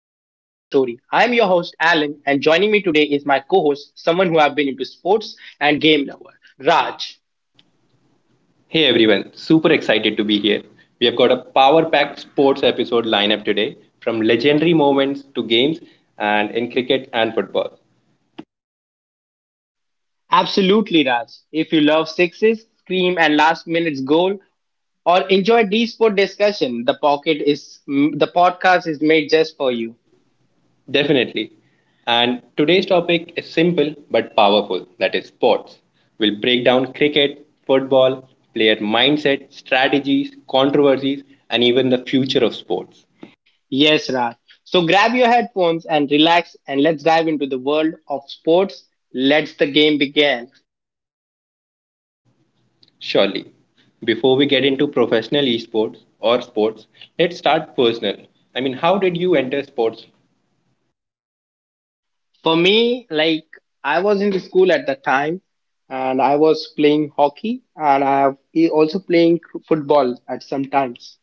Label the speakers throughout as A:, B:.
A: host, Alan, and joining me today is my co host, someone who have been into sports and game lover, Raj.
B: Hey everyone, super excited to be here. We have got a power packed sports episode lineup today from legendary moments to games and in cricket and football.
A: Absolutely, Raj. If you love sixes, scream, and last minute's goal, or enjoy D sport discussion, the podcast is made just for you.
B: Definitely. And today's topic is simple but powerful that is, sports. We'll break down cricket, football, player mindset, strategies, controversies, and even the future of sports.
A: Yes, Raj. So grab your headphones and relax, and let's dive into the world of sports. Let's the game begin.
B: Surely. Before we get into professional esports or sports, let's start personal. I mean, how did you enter sports?
A: For me, like I was in the school at that time and I was playing hockey and I have also playing football at some times.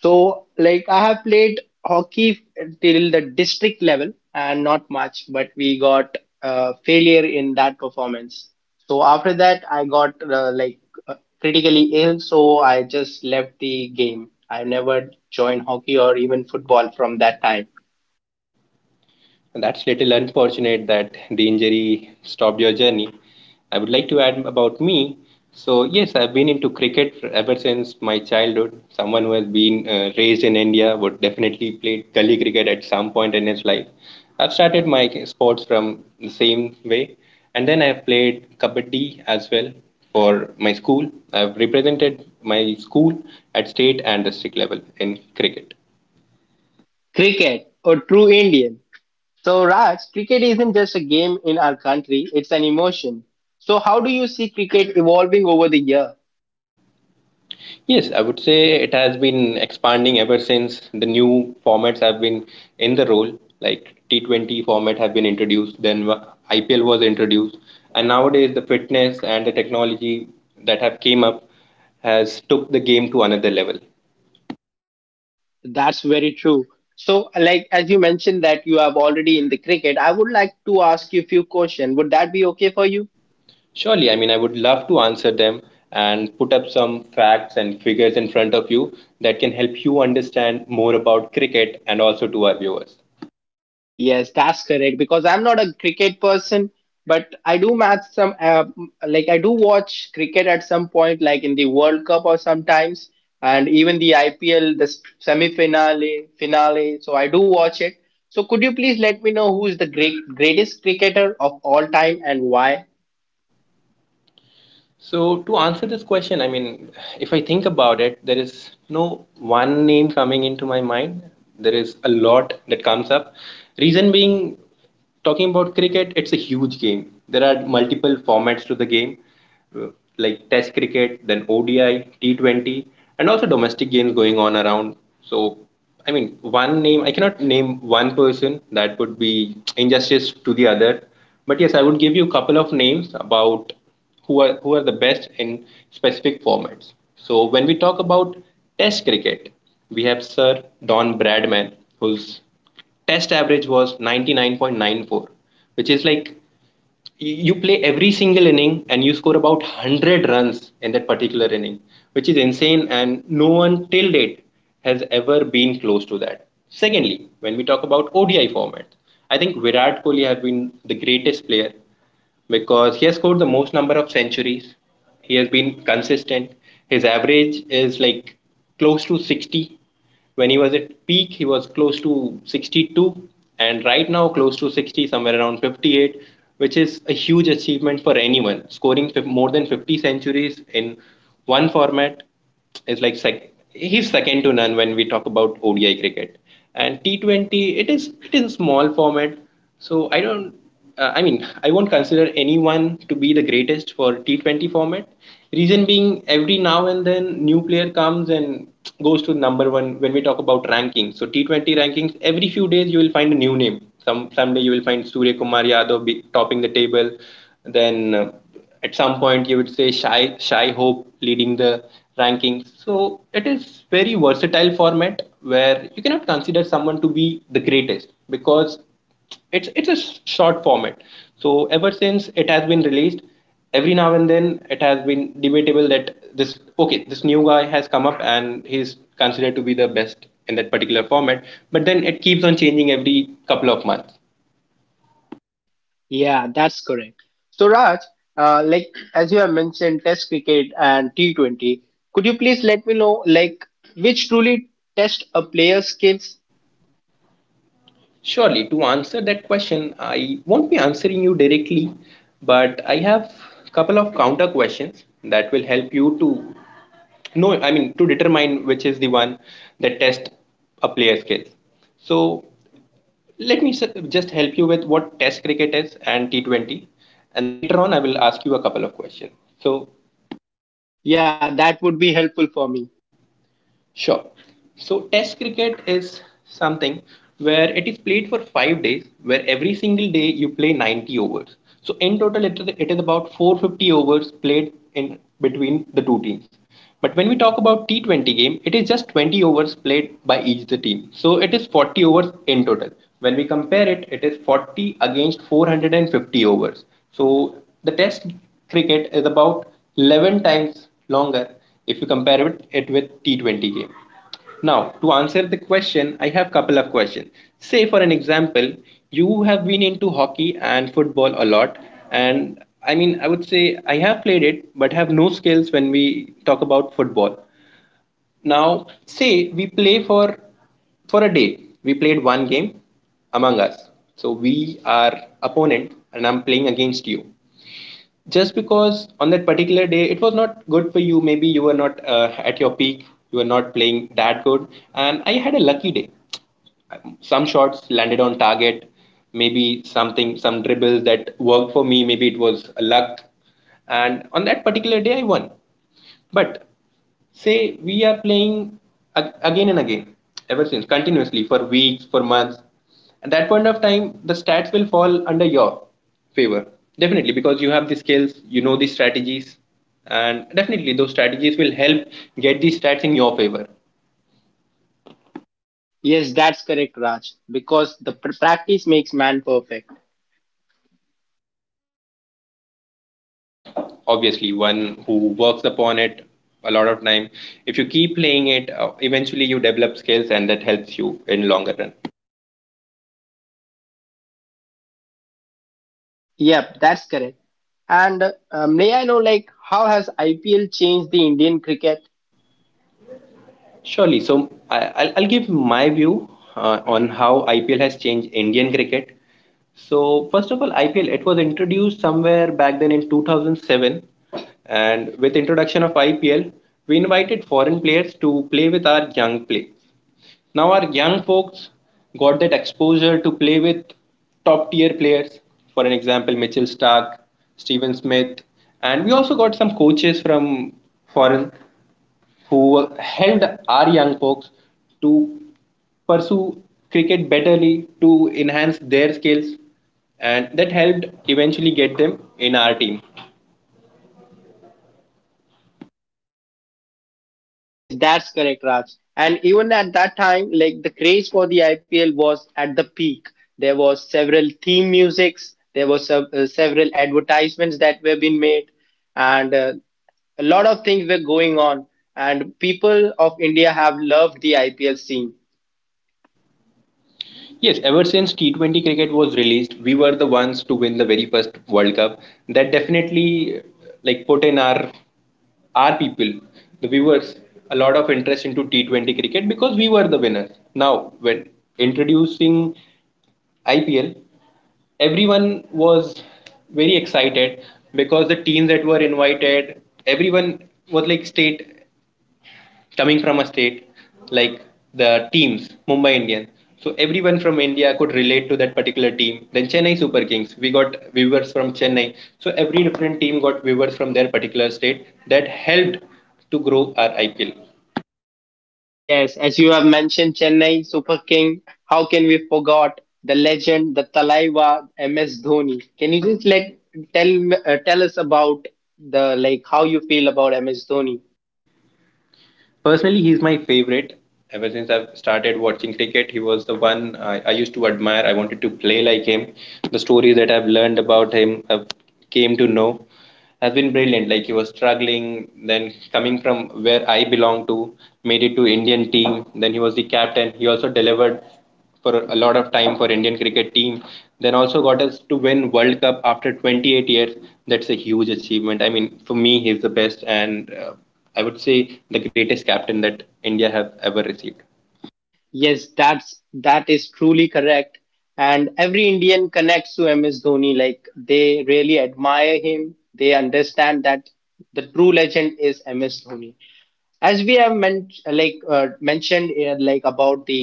A: So like I have played hockey till the district level and not much, but we got failure in that performance. So after that, I got uh, critically ill, so I just left the game. I never joined hockey or even football from that time.
B: That's little unfortunate that the injury stopped your journey. I would like to add about me. So, yes, I've been into cricket ever since my childhood. Someone who has been raised in India would definitely play gully cricket at some point in his life. I've started my sports from the same way, and then I've played kabaddi as well for my school. I've represented my school at state and district level in cricket.
A: Cricket, a true Indian. So, Raj, cricket isn't just a game in our country, it's an emotion. So, how do you see cricket evolving over the year?
B: Yes, I would say it has been expanding ever since the new formats have been in the role. Like T20 format have been introduced, then IPL was introduced, and nowadays the fitness and the technology that have came up has took the game to another level.
A: That's very true. So, like as you mentioned that you have already in the cricket, I would like to ask you a few questions. Would that be okay for you?
B: Surely, I mean, I would love to answer them and put up some facts and figures in front of you that can help you understand more about cricket and also to our viewers.
A: Yes, that's correct. Because I'm not a cricket person, but I do match some, I do watch cricket at some point, like in the World Cup or sometimes, and even the IPL, the semi finale, finale. So I do watch it. So could you please let me know who is the greatest cricketer of all time and why?
B: So to answer this question, I mean, if I think about it, there is no one name coming into my mind. There is a lot that comes up. Reason being, talking about cricket, it's a huge game. There are multiple formats to the game, uh, like Test cricket, then ODI, T20, and also domestic games going on around. So, I mean, one name, I cannot name one person, that would be injustice to the other. But yes, I would give you a couple of names about who are the best in specific formats. So, when we talk about Test cricket, we have Sir Don Bradman, whose test average was 99.94, which is like you play every single inning and you score about 100 runs in that particular inning, which is insane and no one till date has ever been close to that. Secondly, when we talk about ODI format, I think Virat Kohli have been the greatest player because he has scored the most number of centuries. He has been consistent. His average is like close to 60. When he was at peak, he was close to 62, and right now close to 60, somewhere around 58, which is a huge achievement for anyone. Scoring more than 50 centuries in one format is like he's second to none when we talk about ODI cricket. And T20, it is a small format, so I don't. I mean, I won't consider anyone to be the greatest for T20 format. Reason being, every now and then new player comes and goes to number one when we talk about rankings. So T20 rankings, every few days you will find a new name. Someday you will find Surya Kumar Yadav topping the table, then at some point you would say Shy Hope leading the rankings. So it is very versatile format where you cannot consider someone to be the greatest because it's a short format. So ever since it has been released, every now and then it has been debatable that this okay, this new guy has come up and he's considered to be the best in that particular format, but then it keeps on changing every couple of months.
A: Yeah, that's correct. So Raj, uh, like as you have mentioned, Test cricket and T20. Could you please let me know, like, which truly test a player's skills.
B: Surely, to answer that question, I won't be answering you directly, but I have a couple of counter questions that will help you to know, I mean, to determine which is the one that tests a player's skills. So, let me s- just help you with what Test cricket is and T20, and later on, I will ask you a couple of questions. So,
A: Yeah, that would be helpful for me.
B: sure. So, Test cricket is something where it is played for 5 days, where every single day you play 90 overs. So, in total, it is about 450 overs played in between the two teams. But when we talk about T20 game, it is just 20 overs played by each the team. So, it is 40 overs in total. When we compare it, it is 40 against 450 overs. So, the Test cricket is about 11 times longer if you compare it with T20 game. Now, to answer the question, I have couple of questions. Say for an example, you have been into hockey and football a lot, and I mean, I would say I have played it, but have no skills when we talk about football. Now, say we play for a day. We played one game among us. So we are opponent, and I'm playing against you just because on that particular day it was not good for you. Maybe you were not, at your peak, you were not playing that good, and I had a lucky day. Some shots landed on target, maybe some dribbles that worked for me, maybe it was luck, and on that particular day I won. But say we are playing again and again, ever since continuously for weeks, for months. At that point of time the stats will fall under your favor, definitely, because you have the skills, you know the strategies, and definitely those strategies will help get the stats in your favor.
A: Yes, that's correct, Raj, because the practice makes man perfect.
B: Obviously one who works upon it a lot of time, if you keep playing it, eventually you develop skills and that helps you in longer run.
A: Yep, that's correct. And may I know, like, how has IPL changed the Indian cricket?
B: Surely. So I'll give my view on how IPL has changed Indian cricket. So first of all, IPL it was introduced somewhere back then in 2007, and with introduction of IPL, we invited foreign players to play with our young play. Now our young folks got that exposure to play with top tier players. For an example, Mitchell Stark, Steven Smith, and we also got some coaches from foreign who helped our young folks to pursue cricket betterly to enhance their skills and that helped eventually get them in our team.
A: Yes, that's correct, Raj. And even at that time, like, the craze for the IPL was at the peak. There was several theme musics, there was several advertisements that were being made, and a lot of things were going on. And people of India have loved the IPL scene.
B: Yes, ever since T20 cricket was released, we were the ones to win the very first World Cup. That definitely like put in our people, the viewers, a lot of interest into T20 cricket because we were the winners. Now when introducing IPL, everyone was very excited because the teams that were invited, everyone was like state coming from a state, like the teams, Mumbai Indians. So everyone from India could relate to that particular team. Then Chennai Super Kings, we got viewers from Chennai. So every different team got viewers from their particular state. That helped to grow our IPL.
A: Yes, as you have mentioned Chennai Super King, how can we forgot the legend, the Talaiwa MS Dhoni? Can you just tell us about the like how you feel about MS Dhoni?
B: Personally, he's my favorite. Ever since I've started watching cricket, he was the one I used to admire. I wanted to play like him. The stories that I've learned about him, I've came to know, has been brilliant. Like he was struggling, then coming from where I belong to, made it to Indian team. Then he was the captain. He also delivered for a lot of time for Indian cricket team. Then also got us to win World Cup after 28 years. That's a huge achievement. I mean, for me, he's the best, and I would say the greatest captain that India have ever received.
A: Yes, that is truly correct. And every Indian connects to MS Dhoni. Like they really admire him. They understand that the true legend is MS Dhoni. As we have mentioned about the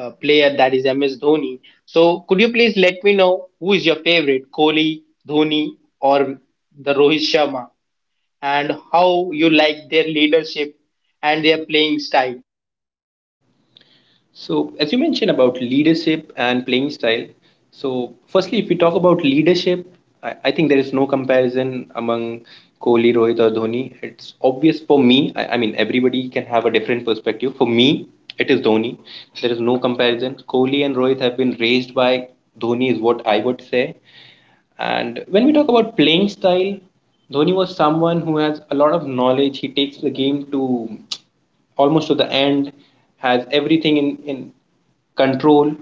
A: player that is MS Dhoni. So could you please let me know who is your favorite, Kohli, Dhoni, or the Rohit Sharma, and how you like their leadership and their playing style?
B: So, as you mentioned about leadership and playing style, so firstly, if we talk about leadership, I think there is no comparison among Kohli, Rohit, or Dhoni. It's obvious for me. I mean, everybody can have a different perspective. For me, it is Dhoni. There is no comparison. Kohli and Rohit have been raised by Dhoni, is what I would say. And when we talk about playing style, Dhoni was someone who has a lot of knowledge. He takes the game to almost to the end, has everything in control.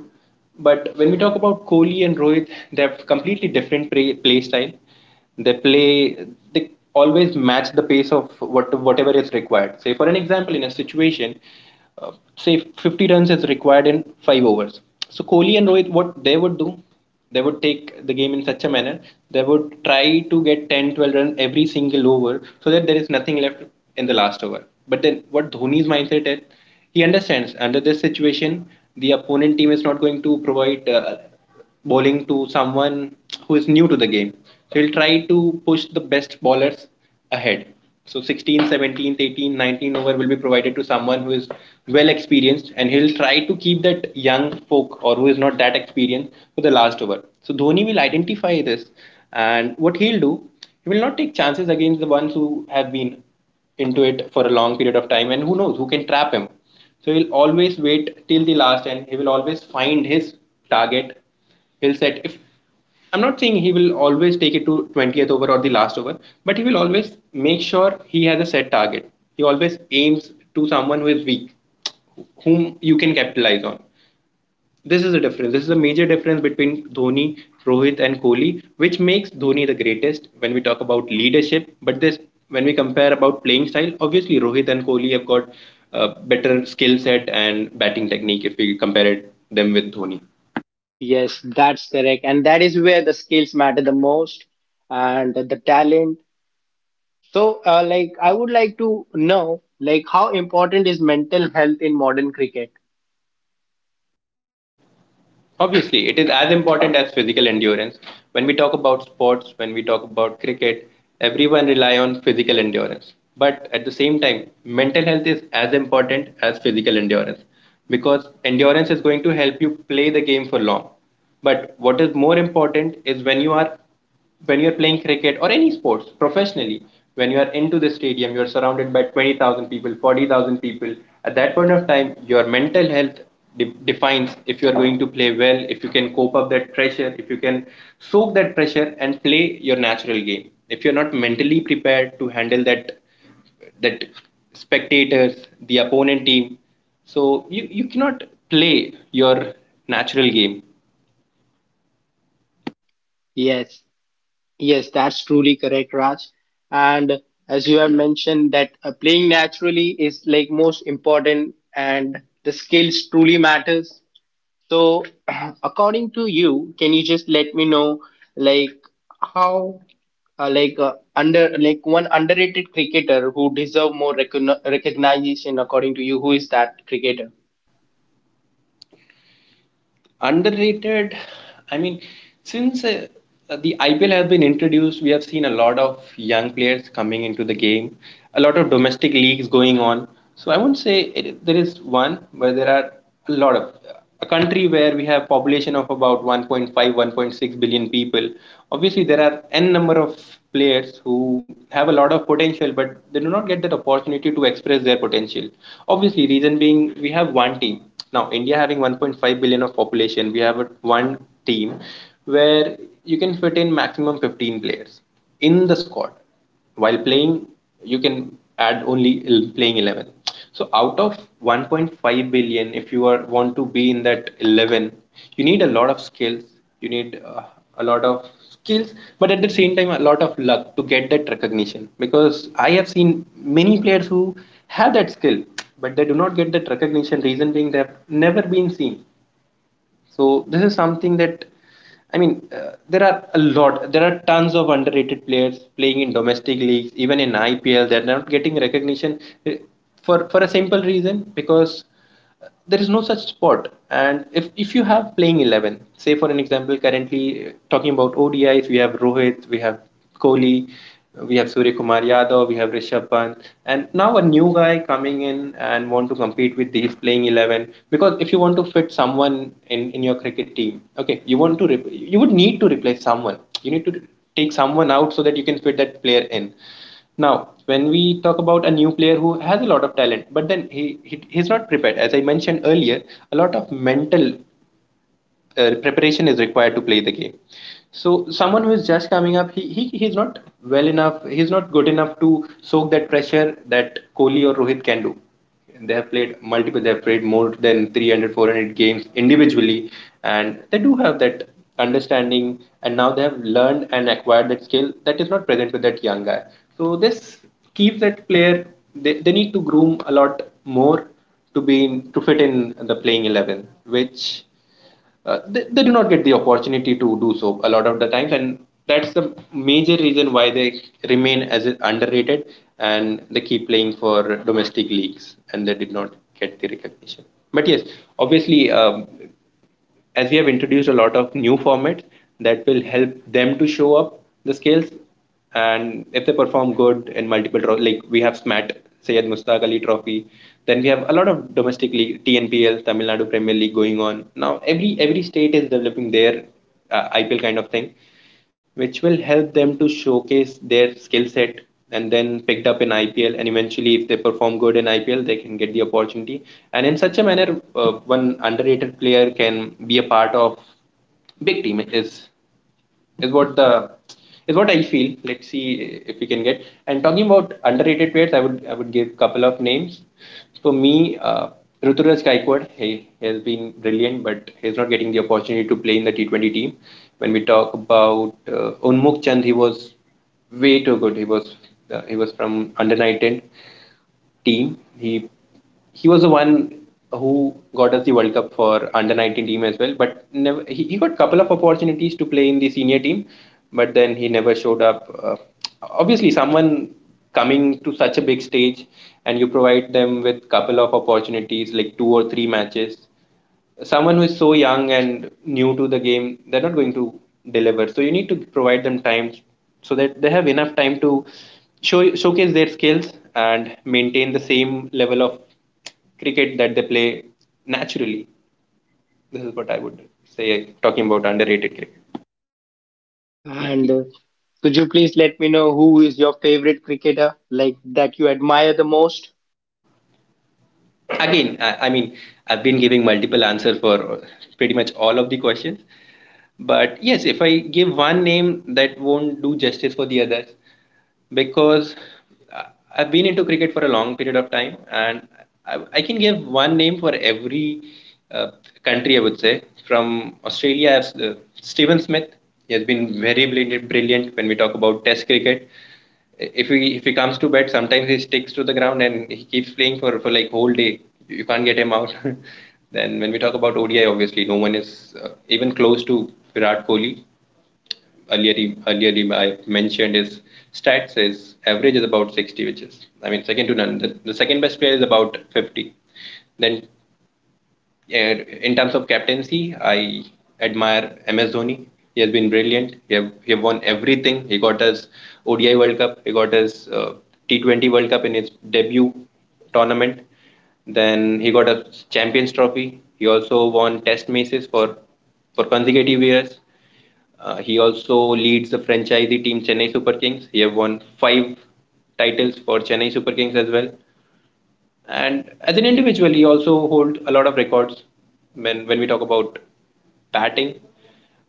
B: But when we talk about Kohli and Rohit, they have completely different play style. They play, they always match the pace of whatever is required. Say, for an example, in a situation, say 50 runs is required in five overs. So Kohli and Rohit, what they would do? They would take the game in such a manner they would try to get 10 12 runs every single over so that there is nothing left in the last over. But then what Dhoni's mindset is, he understands under this situation the opponent team is not going to provide, bowling to someone who is new to the game, so he'll try to push the best bowlers ahead. So 16, 17, 18, 19 over will be provided to someone who is well experienced and he'll try to keep that young folk or who is not that experienced for the last over. So Dhoni will identify this and what he'll do, he will not take chances against the ones who have been into it for a long period of time and who knows who can trap him. So he'll always wait till the last and he will always find his target. He'll set If I'm not saying he will always take it to 20th over or the last over, but he will always make sure he has a set target. He always aims to someone who is weak, whom you can capitalize on. This is a difference. This is a major difference between Dhoni, Rohit, and Kohli, which makes Dhoni the greatest when we talk about leadership. But this, when we compare about playing style, obviously Rohit and Kohli have got a better skill set and batting technique if we compare them with Dhoni.
A: Yes, that's correct, and that is where the skills matter the most and the talent. So, I would like to know, like, how important is mental health in modern cricket?
B: Obviously, it is as important as physical endurance. When we talk about sports, when we talk about cricket, everyone rely on physical endurance. But at the same time, mental health is as important as physical endurance because endurance is going to help you play the game for long. But what is more important is when you're playing cricket or any sports professionally, when you are into the stadium, you're surrounded by 20,000 people, 40,000 people. At that point of time, your mental health defines if you're going to play well, if you can cope up that pressure, if you can soak that pressure and play your natural game. If you're not mentally prepared to handle that, that spectators, the opponent team, so you cannot play your natural game.
A: Yes. Yes, that's truly correct, Raj. And as you have mentioned, that playing naturally is like most important, and the skills truly matters. So, according to you, can you just let me know, like how, like under, like one underrated cricketer who deserve more recognition, according to you, who is that cricketer?
B: Underrated. I mean, since the IPL has been introduced, we have seen a lot of young players coming into the game, a lot of domestic leagues going on. So I won't say it, there is one, but there are a lot of a country where we have population of about 1.5 1.6 billion people. Obviously there are n number of players who have a lot of potential but they do not get that opportunity to express their potential. Obviously, reason being we have one team. Now, India having 1.5 billion of population, we have one team where you can fit in maximum 15 players in the squad. While playing, you can add only playing 11. So out of 1.5 billion, if you are want to be in that 11, you need a lot of skills. You need a lot of skills, but at the same time a lot of luck to get that recognition because I have seen many players who have that skill, but they do not get that recognition, reason being they have never been seen. So this is something that I mean, there are tons of underrated players playing in domestic leagues, even in IPL. They're not getting recognition uh, for a simple reason because there is no such spot. And if you have playing 11, say for an example, currently talking about ODIs, we have Rohit, we have Kohli, we have Surya Kumar Yadav, we have Rishabh Pant, and now a new guy coming in and want to compete with these playing 11. Because if you want to fit someone in your cricket team, okay, you would need to replace someone. You need to take someone out so that you can fit that player in. Now, when we talk about a new player who has a lot of talent, but then he's not prepared. As I mentioned earlier, a lot of mental preparation is required to play the game. So someone who is just coming up, he's not well enough. He's not good enough to soak that pressure that Kohli or Rohit can do. They have played multiple. They have played more than 300, 400 games individually, and they do have that understanding. And now they have learned and acquired that skill that is not present with that young guy. So this keeps that player. They need to groom a lot more to fit in the playing 11, which they do not get the opportunity to do so a lot of the times, and that's the major reason why they remain as underrated and they keep playing for domestic leagues and they did not get the recognition. But yes, obviously, as we have introduced a lot of new formats that will help them to show up the skills, and if they perform good in multiple like we have smat sayed mustaq ali trophy, then we have a lot of domestic league TNPL tamil nadu premier league going on now. Every state is developing their IPL kind of thing, which will help them to showcase their skill set and then picked up in IPL, and eventually if they perform good in IPL, they can get the opportunity. And in such a manner, one underrated player can be a part of big team is what the is what I feel. Let's see if we can get. And talking about underrated players, I would give couple of names. For me, Ruturaj Gaikwad, he has been brilliant, but he's not getting the opportunity to play in the T20 team. When we talk about Unmuk Chand, he was way too good. He was from under 19 team. He was the one who got us the World Cup for under 19 team as well. But never he got couple of opportunities to play in the senior team, but then he never showed up. Obviously, someone coming to such a big stage, and you provide them with couple of opportunities like two or three matches, someone who is so young and new to the game, they're not going to deliver. So you need to provide them time so that they have enough time to showcase their skills and maintain the same level of cricket that they play naturally. This is what I would say talking about underrated cricket.
A: And could you please let me know who is your favorite cricketer, like that you admire the most?
B: Again, I mean, I've been giving multiple answers for pretty much all of the questions. But yes, if I give one name, that won't do justice for the others because I- I've been into cricket for a long period of time, and I can give one name for every uh, country, I would say. From Australia, I have, Stephen Smith. He has been very brilliant, brilliant when we talk about Test cricket. If he comes to bat, sometimes he sticks to the ground and he keeps playing for like whole day. You can't get him out. Then when we talk about ODI, obviously no one is even close to Virat Kohli. I mentioned his stats. His average is about 60, which is I mean second to none. The second best player is about 50. Then and in terms of captaincy, I admire MS Dhoni. He has been brilliant. He have won everything. He got his ODI World Cup. He got his T20 World Cup in his debut tournament. Then he got a Champions Trophy. He also won Test matches for consecutive years. He also leads the franchisee team Chennai Super Kings. He have won five titles for Chennai Super Kings as well. And as an individual, he also holds a lot of records when we talk about batting.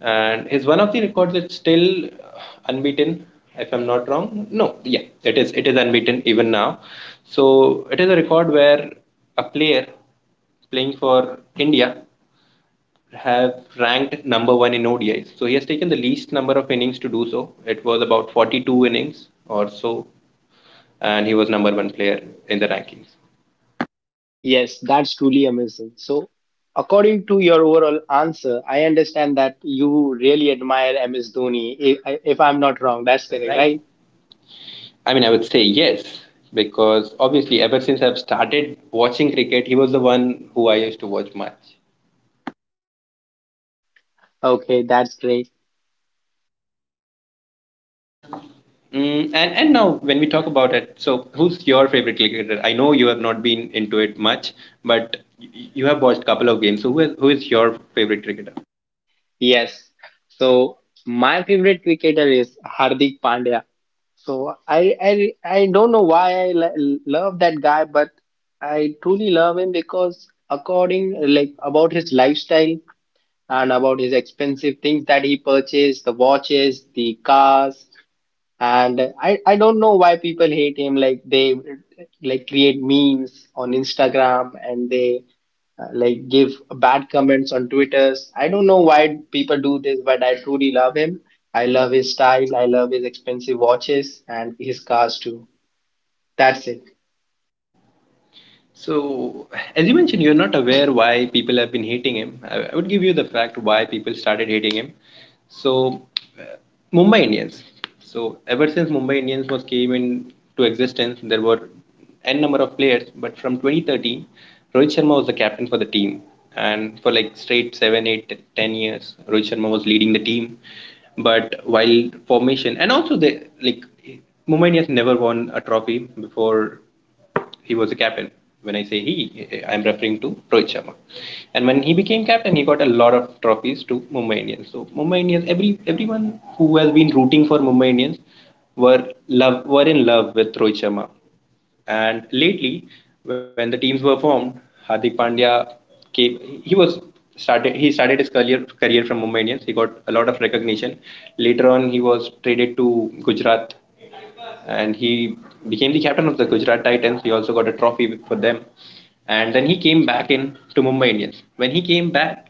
B: And his one of the records is still unbeaten, if I'm not wrong. No, yeah, it is unbeaten even now. So it is a record where a player playing for India have ranked number one in ODIs. So he has taken the least number of innings to do so. It was about 42 innings or so, and he was number one player in the rankings.
A: Yes, that's truly amazing. So, according to your overall answer, I understand that you really admire MS Dhoni, if I'm not wrong. That's correct, right?
B: I mean, I would say yes, because obviously, ever since I've started watching cricket, he was the one who I used to watch much.
A: Okay, that's great.
B: Mm. And now when we talk about it, so who's your favorite cricketer? I know you have not been into it much, but you have watched a couple of games. So who is your favorite cricketer?
A: Yes. So, my favorite cricketer is Hardik Pandya. So, I don't know why I love that guy, but I truly love him because according like about his lifestyle and about his expensive things that he purchased, the watches, the cars. And I don't know why people hate him like they like create memes on Instagram and they like give bad comments on Twitters. I don't know why people do this, but I truly love him. I love his style. I love his expensive watches and his cars too. That's it.
B: So, as you mentioned, you're not aware why people have been hating him. I would give you the fact why people started hating him. So, uh, Mumbai Indians. So, ever since Mumbai Indians was came into existence, there were n number of players. But from 2013, Rohit Sharma was the captain for the team, and for like straight 7, 8, 10 years, Rohit Sharma was leading the team. But while formation, and also they like Mumbai Indians never won a trophy before he was a captain. When I say he, I'm referring to Rohit Sharma. And when he became captain, he got a lot of trophies to Mumbai Indians. So Mumbai Indians, everyone who has been rooting for Mumbai Indians were in love with Rohit Sharma. And lately, when the teams were formed, Hardik Pandya came. He was started. He started his career from Mumbai Indians. He got a lot of recognition. Later on, he was traded to Gujarat and he became the captain of the Gujarat Titans. He also got a trophy for them, and then he came back in to Mumbai Indians. When he came back,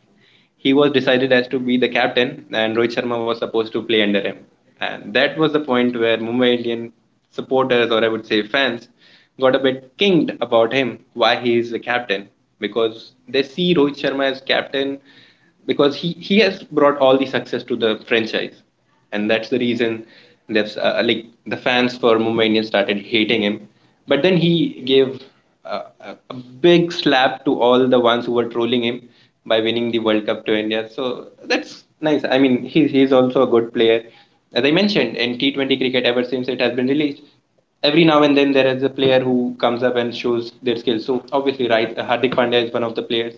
B: he was decided as to be the captain, and Rohit Sharma was supposed to play under him. And that was the point where Mumbai Indian supporters, or I would say fans, got a bit kinked about him, why he is the captain, because they see Rohit Sharma as captain because he has brought all the success to the franchise, and that's the reason that's like the fans for Mumbai Indians started hating him. But then he gave a big slap to all the ones who were trolling him by winning the World Cup to India. So that's nice. I mean, he's also a good player. As I mentioned, in T20 cricket, ever since it has been released, every now and then there is a player who comes up and shows their skills. So obviously, right, Hardik Pandya is one of the players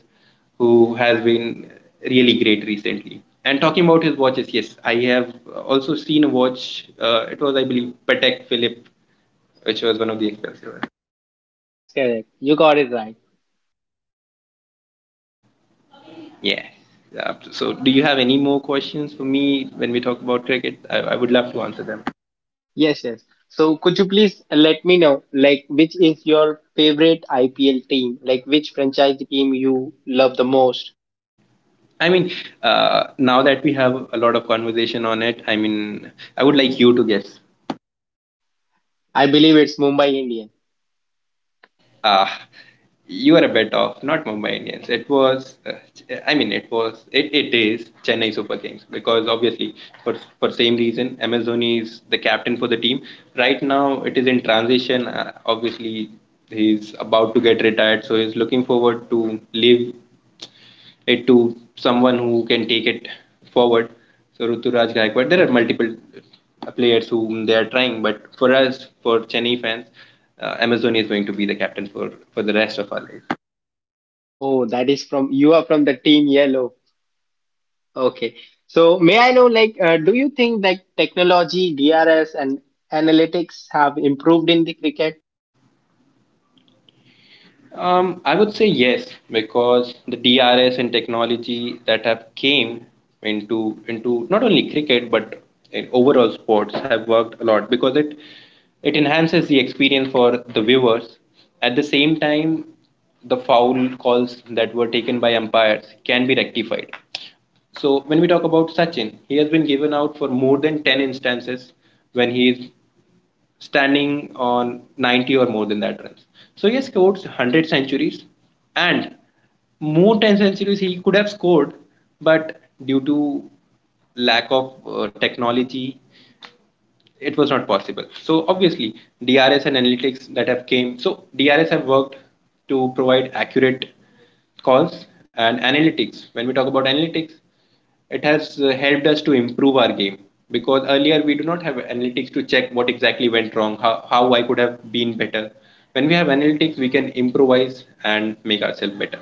B: who has been really great recently. And talking about his watches, yes, I have also seen a watch. It was, I believe, Patek Philippe, which was one of the expensive ones.
A: Yes, that's correct. You got it right.
B: Yeah. Yeah. So, do you have any more questions for me when we talk about cricket? I would love to answer them.
A: Yes, yes. So could you please let me know, like, which is your favorite IPL team? Like, which franchise team you love the most?
B: I mean, now that we have a lot of conversation on it, I mean, I would like you to guess.
A: I believe it's Mumbai Indians.
B: Ah, you are a bet of not Mumbai Indians. I mean, it was, it is Chennai Super Kings because obviously for same reason, MS Dhoni is the captain for the team. Right now, it is in transition. Obviously, he's about to get retired, so he's looking forward to live it to someone who can take it forward. So Ruturaj Gaikwad, there are multiple players whom they are trying, but for us, for Chennai fans, Amazon is going to be the captain for the rest of our life.
A: Oh, that is from you are from the team yellow. Okay. So may I know, like, do you think like technology, DRS, and analytics have improved in the cricket?
B: I would say yes, because the DRS and technology that have came into not only cricket but in overall sports have worked a lot because it enhances the experience for the viewers. At the same time, the foul calls that were taken by umpires can be rectified. So when we talk about Sachin, he has been given out for more than 10 instances when he is standing on 90 or more than that runs. So he has scored 100 centuries, and more 10 centuries he could have scored, but due to lack of technology, it was not possible. So obviously, DRS and analytics that have came. So DRS have worked to provide accurate calls and analytics. When we talk about analytics, it has helped us to improve our game because earlier we do not have analytics to check what exactly went wrong, how I could have been better. When we have analytics, we can improvise and make ourselves better.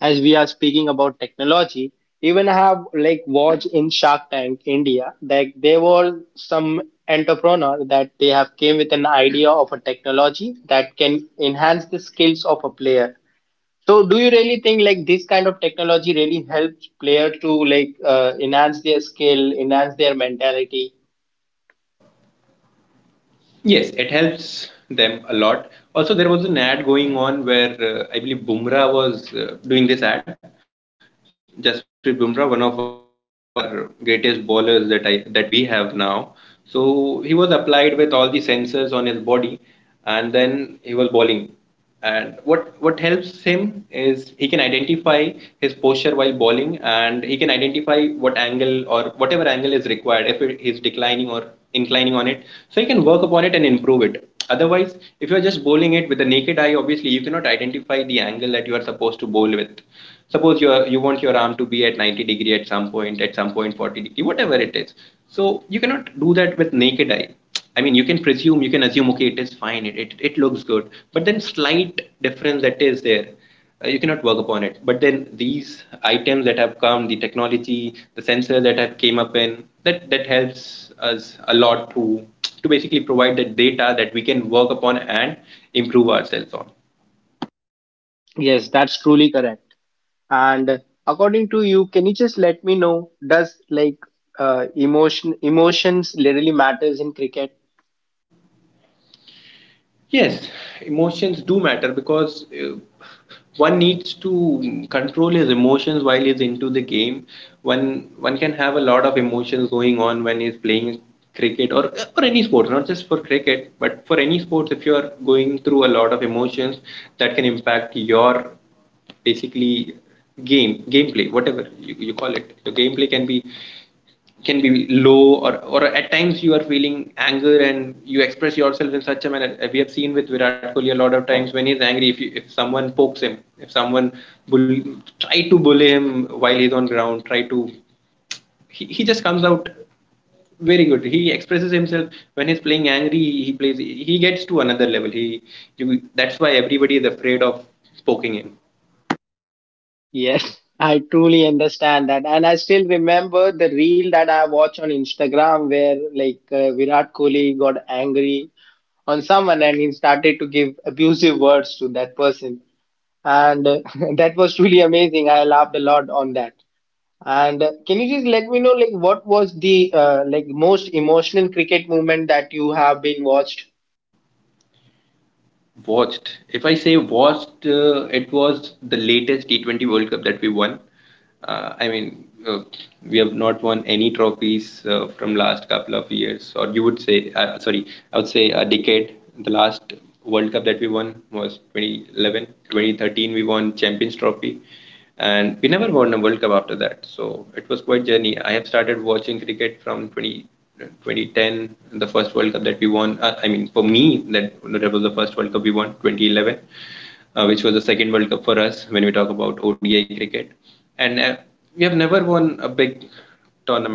A: As we are speaking about technology, even I have like watched in Shark Tank India, like there were some entrepreneur that they have came with an idea of a technology that can enhance the skills of a player. So, do you really think like this kind of technology really helps player to like enhance their skill, enhance their mentality?
B: Yes, it helps them a lot. Also, there was an ad going on where I believe Bumrah was doing this ad. Jasprit Bumrah, one of our greatest bowlers that we have now. So he was applied with all the sensors on his body, and then he was bowling. And what helps him is he can identify his posture while bowling, and he can identify what angle or whatever angle is required if it, he's declining or inclining on it. So he can work upon it and improve it. Otherwise, if you're just bowling it with the naked eye, obviously you cannot identify the angle that you are supposed to bowl with. Suppose you want your arm to be at 90 degree at some point 40-degree, whatever it is. So you cannot do that with naked eye. I mean, you can presume, you can assume, okay, it is fine, it looks good, but then slight difference that is there, you cannot work upon it. But then these items that have come, the technology, the sensors that have came up in, that helps us a lot to basically provide the data that we can work upon and improve ourselves on.
A: Yes, that's truly correct. And according to you, can you just let me know, does like emotions really matters in cricket?
B: Yes, emotions do matter because one needs to control his emotions while he's into the game. One can have a lot of emotions going on when he's playing cricket or any sports, not just for cricket, but for any sports. If you are going through a lot of emotions, that can impact your basically gameplay, whatever you call it. Your gameplay can be low or at times you are feeling anger and you express yourself in such a manner. We have seen with Virat Kohli a lot of times when he's angry, if someone pokes him, if someone bull, try to bully him while he's on ground, try to, he just comes out very good, he expresses himself. When he's playing angry, he plays, he gets to another level, he you that's why everybody is afraid of poking him.
A: Yes, I truly understand that, and I still remember the reel that I watch on Instagram where like Virat Kohli got angry on someone and he started to give abusive words to that person and that was truly amazing. I laughed a lot on that. And can you just let me know, like, what was the most emotional cricket moment that you have been watched?
B: Watched. If I say watched, it was the latest T20 World Cup that we won. I mean, we have not won any trophies from last couple of years, or you would say, sorry, I would say a decade. The last World Cup that we won was 2011, 2013. We won Champions Trophy and we never won a World Cup after that. So it was quite journey. I have started watching cricket from 2010, the first World Cup that we won. I mean, for me, that was the first World Cup we won, 2011, which was the second World Cup for us when we talk about ODI cricket. And we have never won a big tournament.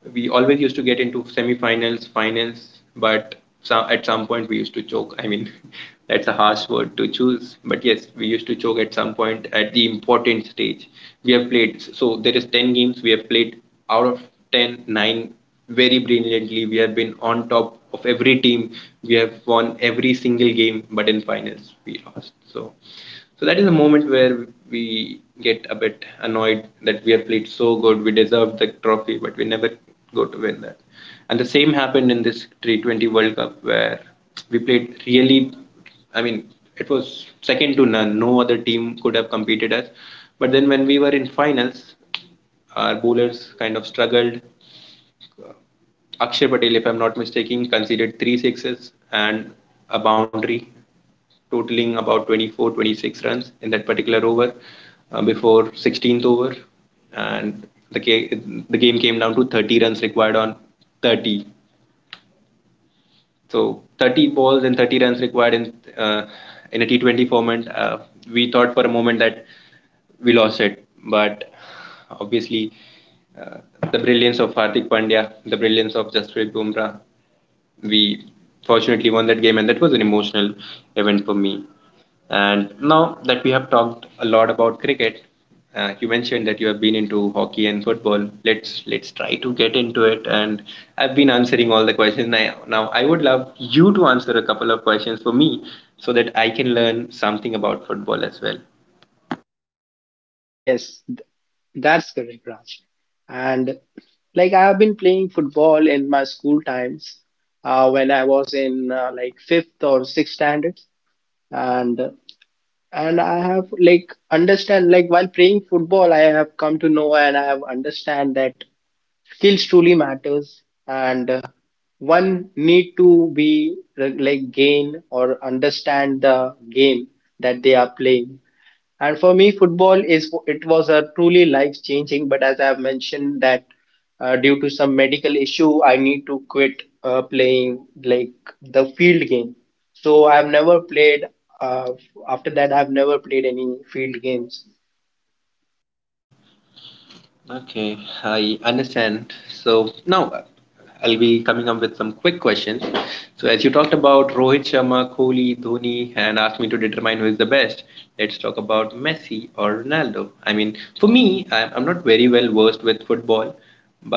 B: We always used to get into semi-finals, finals, but at some point we used to choke. I mean, that's a harsh word to choose, but yes, we used to choke at some point at the important stage. We have played, so there is 10 games we have played out of 10, 9 very brilliantly. We have been on top of every team. We have won every single game, but in finals we lost. So that is a moment where we get a bit annoyed that we have played so good, we deserved the trophy, but we never go to win that. And the same happened in this T20 World Cup where we played really. I mean, it was second to none. No other team could have competed us. But then when we were in finals, our bowlers kind of struggled. Akshay Patel, if I'm not mistaken, conceded three sixes and a boundary, totaling about 24, 26 runs in that particular over, before 16th over. And the game came down to 30 runs required on 30. So 30 balls and 30 runs required in a T20 format. We thought for a moment that we lost it, but obviously uh, the brilliance of Hardik Pandya, the brilliance of Jasprit Bumrah, we fortunately won that game, and that was an emotional event for me. And now that we have talked a lot about cricket, you mentioned that you have been into hockey and football. Let's try to get into it. And I've been answering all the questions. Now I would love you to answer a couple of questions for me, so that I can learn something about football as well.
A: Yes, that's correct, Raj. And like, I have been playing football in my school times when I was in fifth or sixth standard, and I have like understand like while playing football, I have come to know and I have understand that skills truly matters and one need to be gain or understand the game that they are playing and for me football is it was a truly life changing. But as I have mentioned that due to some medical issue I need to quit playing like the field game. So I've never played uh, after that I've never played any field games.
B: Okay, I understand. So now I'll be coming up with some quick questions. So as you talked about Rohit Sharma, Kohli, Dhoni, and asked me to determine who is the best, let's talk about Messi or Ronaldo. I mean, for me, I'm not very well versed with football,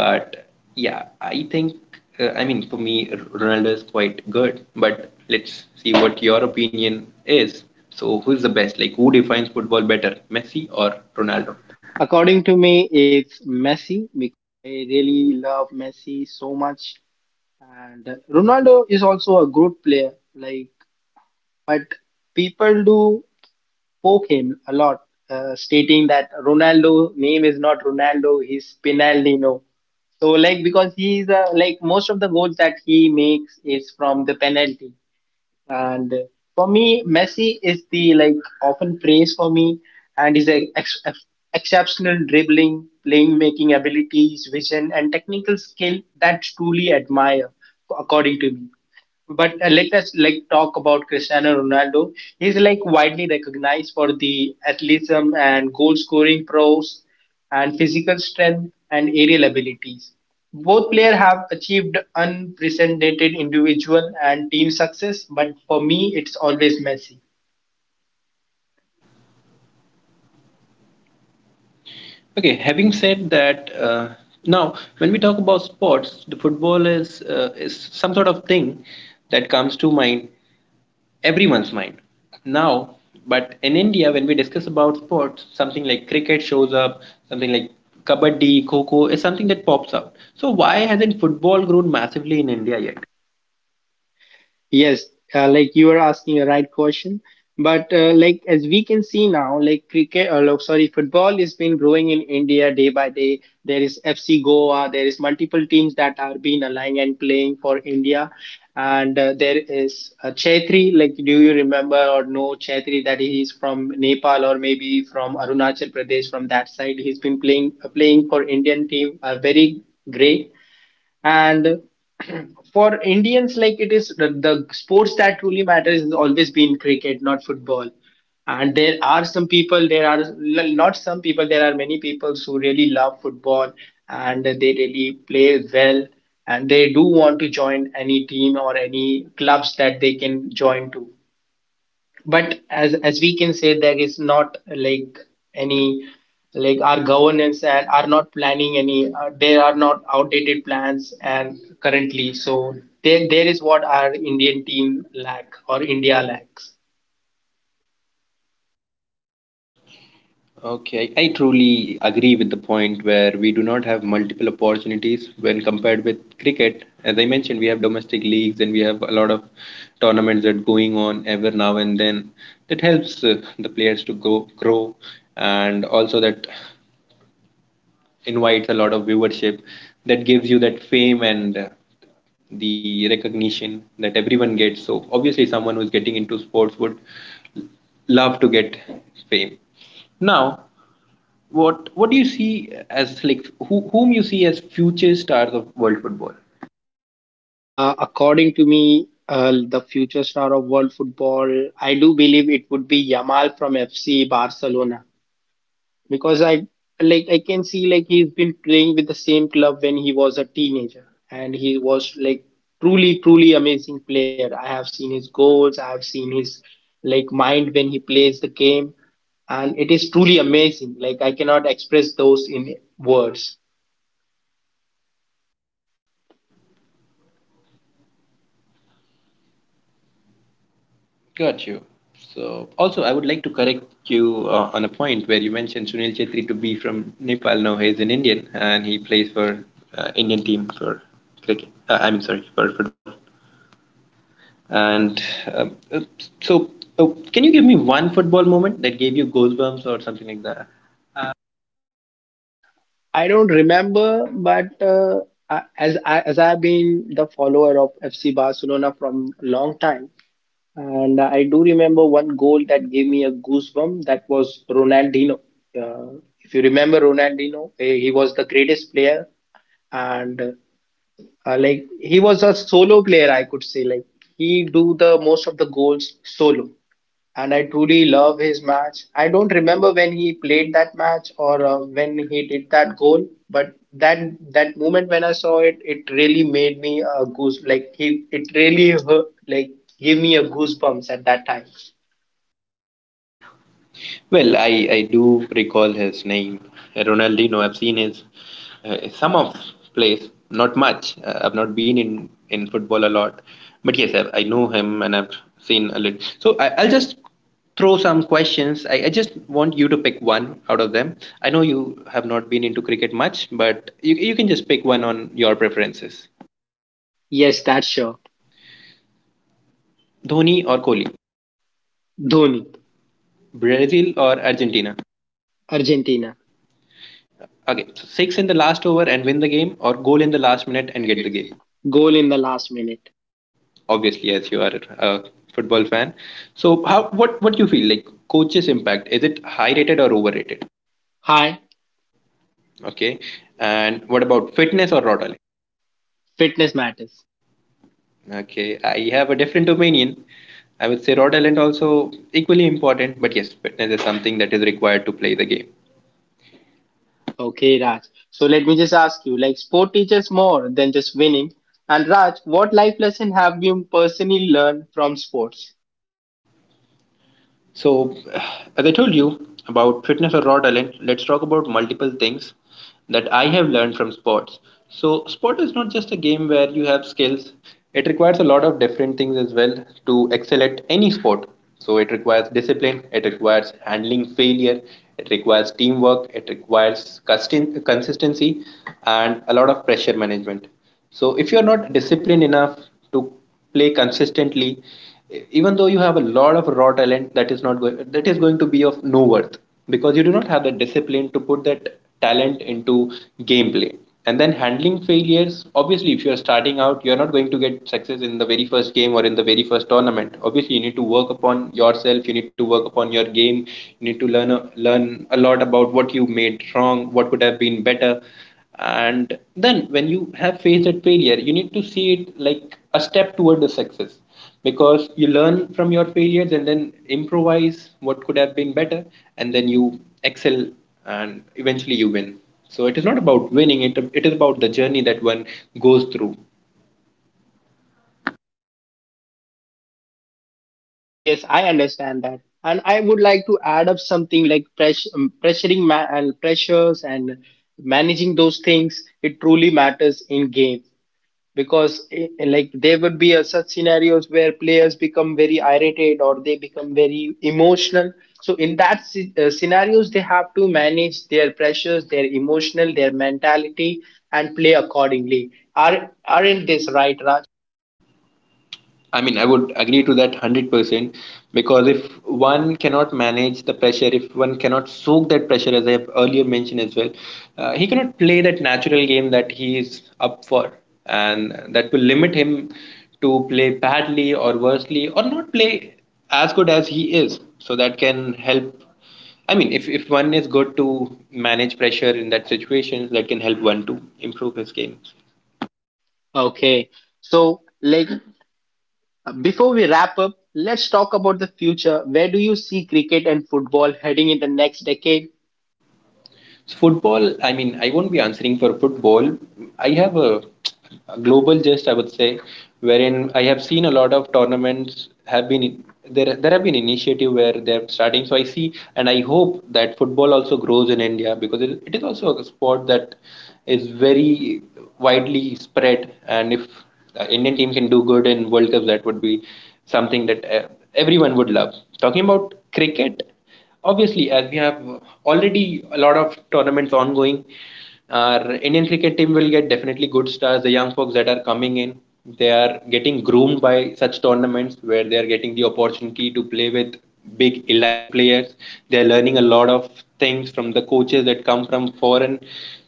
B: but yeah, I think I mean, for me Ronaldo is quite good. But let's see what your opinion is. So who is the best? Like who defines football better, Messi
A: Or
B: or Ronaldo?
A: Ronaldo. According to me it's Messi because I really love Messi so much. And Ronaldo is also a good player, like, but people do poke him a lot, stating that Ronaldo name is not Ronaldo, he's Pinaldino. So, like, because he is a, like most of the goals that he makes is from the penalty. And for me, Messi is the like often praised for me, and his exceptional dribbling, playing making abilities, vision, and technical skill that truly admire, according to me. But let us like talk about Cristiano Ronaldo. He's like widely recognized for the athleticism and goal scoring prowess, and physical strength and aerial abilities. Both players have achieved unprecedented individual and team success, but for me it's always Messi.
B: Okay, having said that, now when we talk about sports, the football is is some sort of thing that comes to mind, everyone's mind, now. But in India, when we discuss about sports, something like cricket shows up, something like kabaddi, kho kho is something that pops up. So why hasn't football grown massively in India yet?
A: Yes, like you are asking a right question, but like as we can see now, like cricket, or look, sorry, football has been growing in India day by day. There is FC Goa, there is multiple teams that are being aligned and playing for India, and there is Chaitri. Like, do you remember or know Chaitri that he is from Nepal or maybe from Arunachal Pradesh from that side? He's been playing playing for Indian team, very great. And for Indians, like it is the sports that truly matters has always been cricket, not football. And there are some people, there are l- not some people, there are many people who really love football and they really play well and they do want to join any team or any clubs that they can join to. But as we can say there is not like any like our governance and are not planning any there are not outdated plans and currently so there is what our Indian team lack or India lacks.
B: Okay, I truly agree with the point where we do not have multiple opportunities when compared with cricket. As I mentioned, we have domestic leagues and we have a lot of tournaments that going on ever now and then. That helps the players to go grow, and also that invites a lot of viewership. That gives you that fame and the recognition that everyone gets. So obviously, someone who is getting into sports would love to get fame. Now, what do you see as like whom you see as future stars of world football?
A: According to me the future star of world football I do believe it would be Yamal from FC Barcelona because I like I can see like he's been playing with the same club when he was a teenager and he was like truly amazing player. I have seen his goals, I have seen his like mind when he plays the game and it is truly amazing. Like I cannot express those in words.
B: Got you. So also, I would like to correct you on a point where you mentioned Sunil Chetri to be from Nepal. No, he's an Indian and he plays for Indian team for cricket. I'm sorry, for football. And um, uh, so, uh, can you give me one football moment that gave you goosebumps or something like that?
A: I don't remember but as as I've been the follower of FC Barcelona from long time. And I do remember one goal that gave me a goosebump. That was Ronaldinho. Uh, if you remember Ronaldinho, eh, he was the greatest player, and like he was a solo player, I could say. Like he do the most of the goals solo and I truly love his match. I don't remember when he played that match or when he did that goal, but that moment when I saw it, it really made me a goose. Like he, it really hurt, like gave me a goosebumps at that time.
B: Well, I do recall his name, Ronaldinho. I've seen his some of plays, not much. I've not been in football a lot, but yes, I know him and I've seen a little. So I'll just throw some questions. I just want you to pick one out of them. I know you have not been into cricket much, but you can just pick one on your preferences.
A: Yes, that's sure.
B: Dhoni or Kohli,
A: Dhoni.
B: Brazil or Argentina.
A: Argentina.
B: Okay, so six in the last over and win the game, or goal in the last minute and
A: And
B: get the
A: get the
B: game.
A: game. Goal in the last minute.
B: Obviously, as you are a football fan, so how, what do you feel like coaches impact, is it high rated or overrated?
A: Hi.
B: Okay. And what about fitness or Rod Allen?
A: Fitness matters.
B: Okay, I have a different opinion. I would say Rod Allen also equally important, but yes, fitness is something that is required to play the game.
A: Okay, Raj. So let me just ask you, like sport teaches more than just winning. And Raj, what life lesson have you personally learned from sports?
B: So, as I told you about fitness or raw talent, let's talk about multiple things that I have learned from sports. So, sport is not just a game where you have skills, it requires a lot of different things as well to excel at any sport. So, it requires discipline, it requires handling failure, it requires teamwork, it requires consistency, and a lot of pressure management. So if you're not disciplined enough to play consistently, even though you have a lot of raw talent, that is not going that is going to be of no worth because you do not have the discipline to put that talent into gameplay. And then handling failures, obviously, if you're starting out, you're not going to get success in the very first game or in the very first tournament. Obviously, you need to work upon yourself, you need to work upon your game, you need to learn a lot about what you made wrong, what could have been better, and then when you have faced that failure, you need to see it like a step toward the success, because you learn from your failures and then improvise what could have been better, and then you excel and eventually you win. So it is not about winning, it is about the journey that one goes through.
A: Yes, I understand that. And I would like to add up something like pressuring and pressures and managing those things. It truly matters in game. Because eh, like there would be a, such scenarios where players become very irritated or they become very emotional so in that scenarios they have to manage their pressures their emotional their mentality and play accordingly. Are aren't this right Raj?
B: I mean, I would agree to that 100%, because if one cannot manage the pressure, if one cannot soak that pressure, as I have earlier mentioned as well, he cannot play that natural game that he is up for. And that will limit him to play badly or worsely or not play as good as he is. So that can help. I mean, if one is good to manage pressure in that situation, that can help one to improve his games.
A: Okay, so like before we wrap up let's talk about the future. Where do you see cricket and football heading in the next decade?
B: So football, I mean, I won't be answering for football. I have a global gist, I would say, wherein I have seen a lot of tournaments have been there. There have been initiative where they're starting. So I see, and I hope that football also grows in India because it is also a sport that is very widely spread. And if Indian team can do good in World Cups, that would be something that everyone would love. Talking about cricket. Obviously, as we have already a lot of tournaments ongoing, our Indian cricket team will get definitely good stars. The young folks that are coming in, they are getting groomed by such tournaments where they are getting the opportunity to play with big elite players. They are learning a lot of things from the coaches that come from foreign.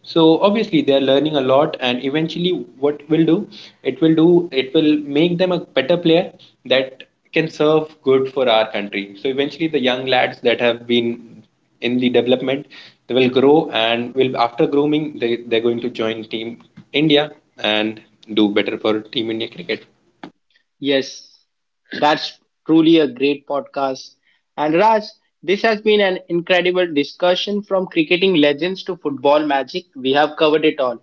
B: So obviously they are learning a lot, and eventually, what will do? It will do. It will make them a better player. That can serve good for our country. So eventually, the young lads that have been in the development, they will grow and will, after grooming, they're going to join Team India and do better for Team India cricket.
A: Yes. That's truly a great podcast. And Raj, this has been an incredible discussion from cricketing legends to football magic. We have covered it all.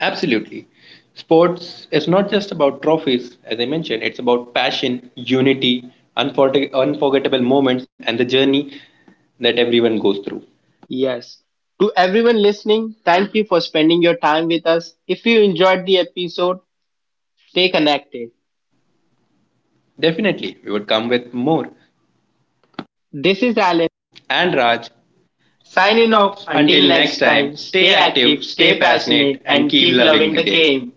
B: Absolutely, sports is not just about trophies. As I mentioned, it's about passion, unity, unforgettable moments, and the journey that everyone goes through.
A: Yes. To everyone listening, thank you for spending your time with us. If you enjoyed the episode, stay connected.
B: Definitely, we would come with more.
A: This is Alan
B: Alan and Raj signing
A: signing off.
B: off. Until
A: Until
B: until next
A: next
B: time,
A: time,
B: stay
A: stay
B: active,
A: active,
B: stay
A: stay
B: passionate,
A: passionate,
B: and
A: and
B: keep
A: keep
B: loving
A: loving
B: the
A: the
B: game.
A: game.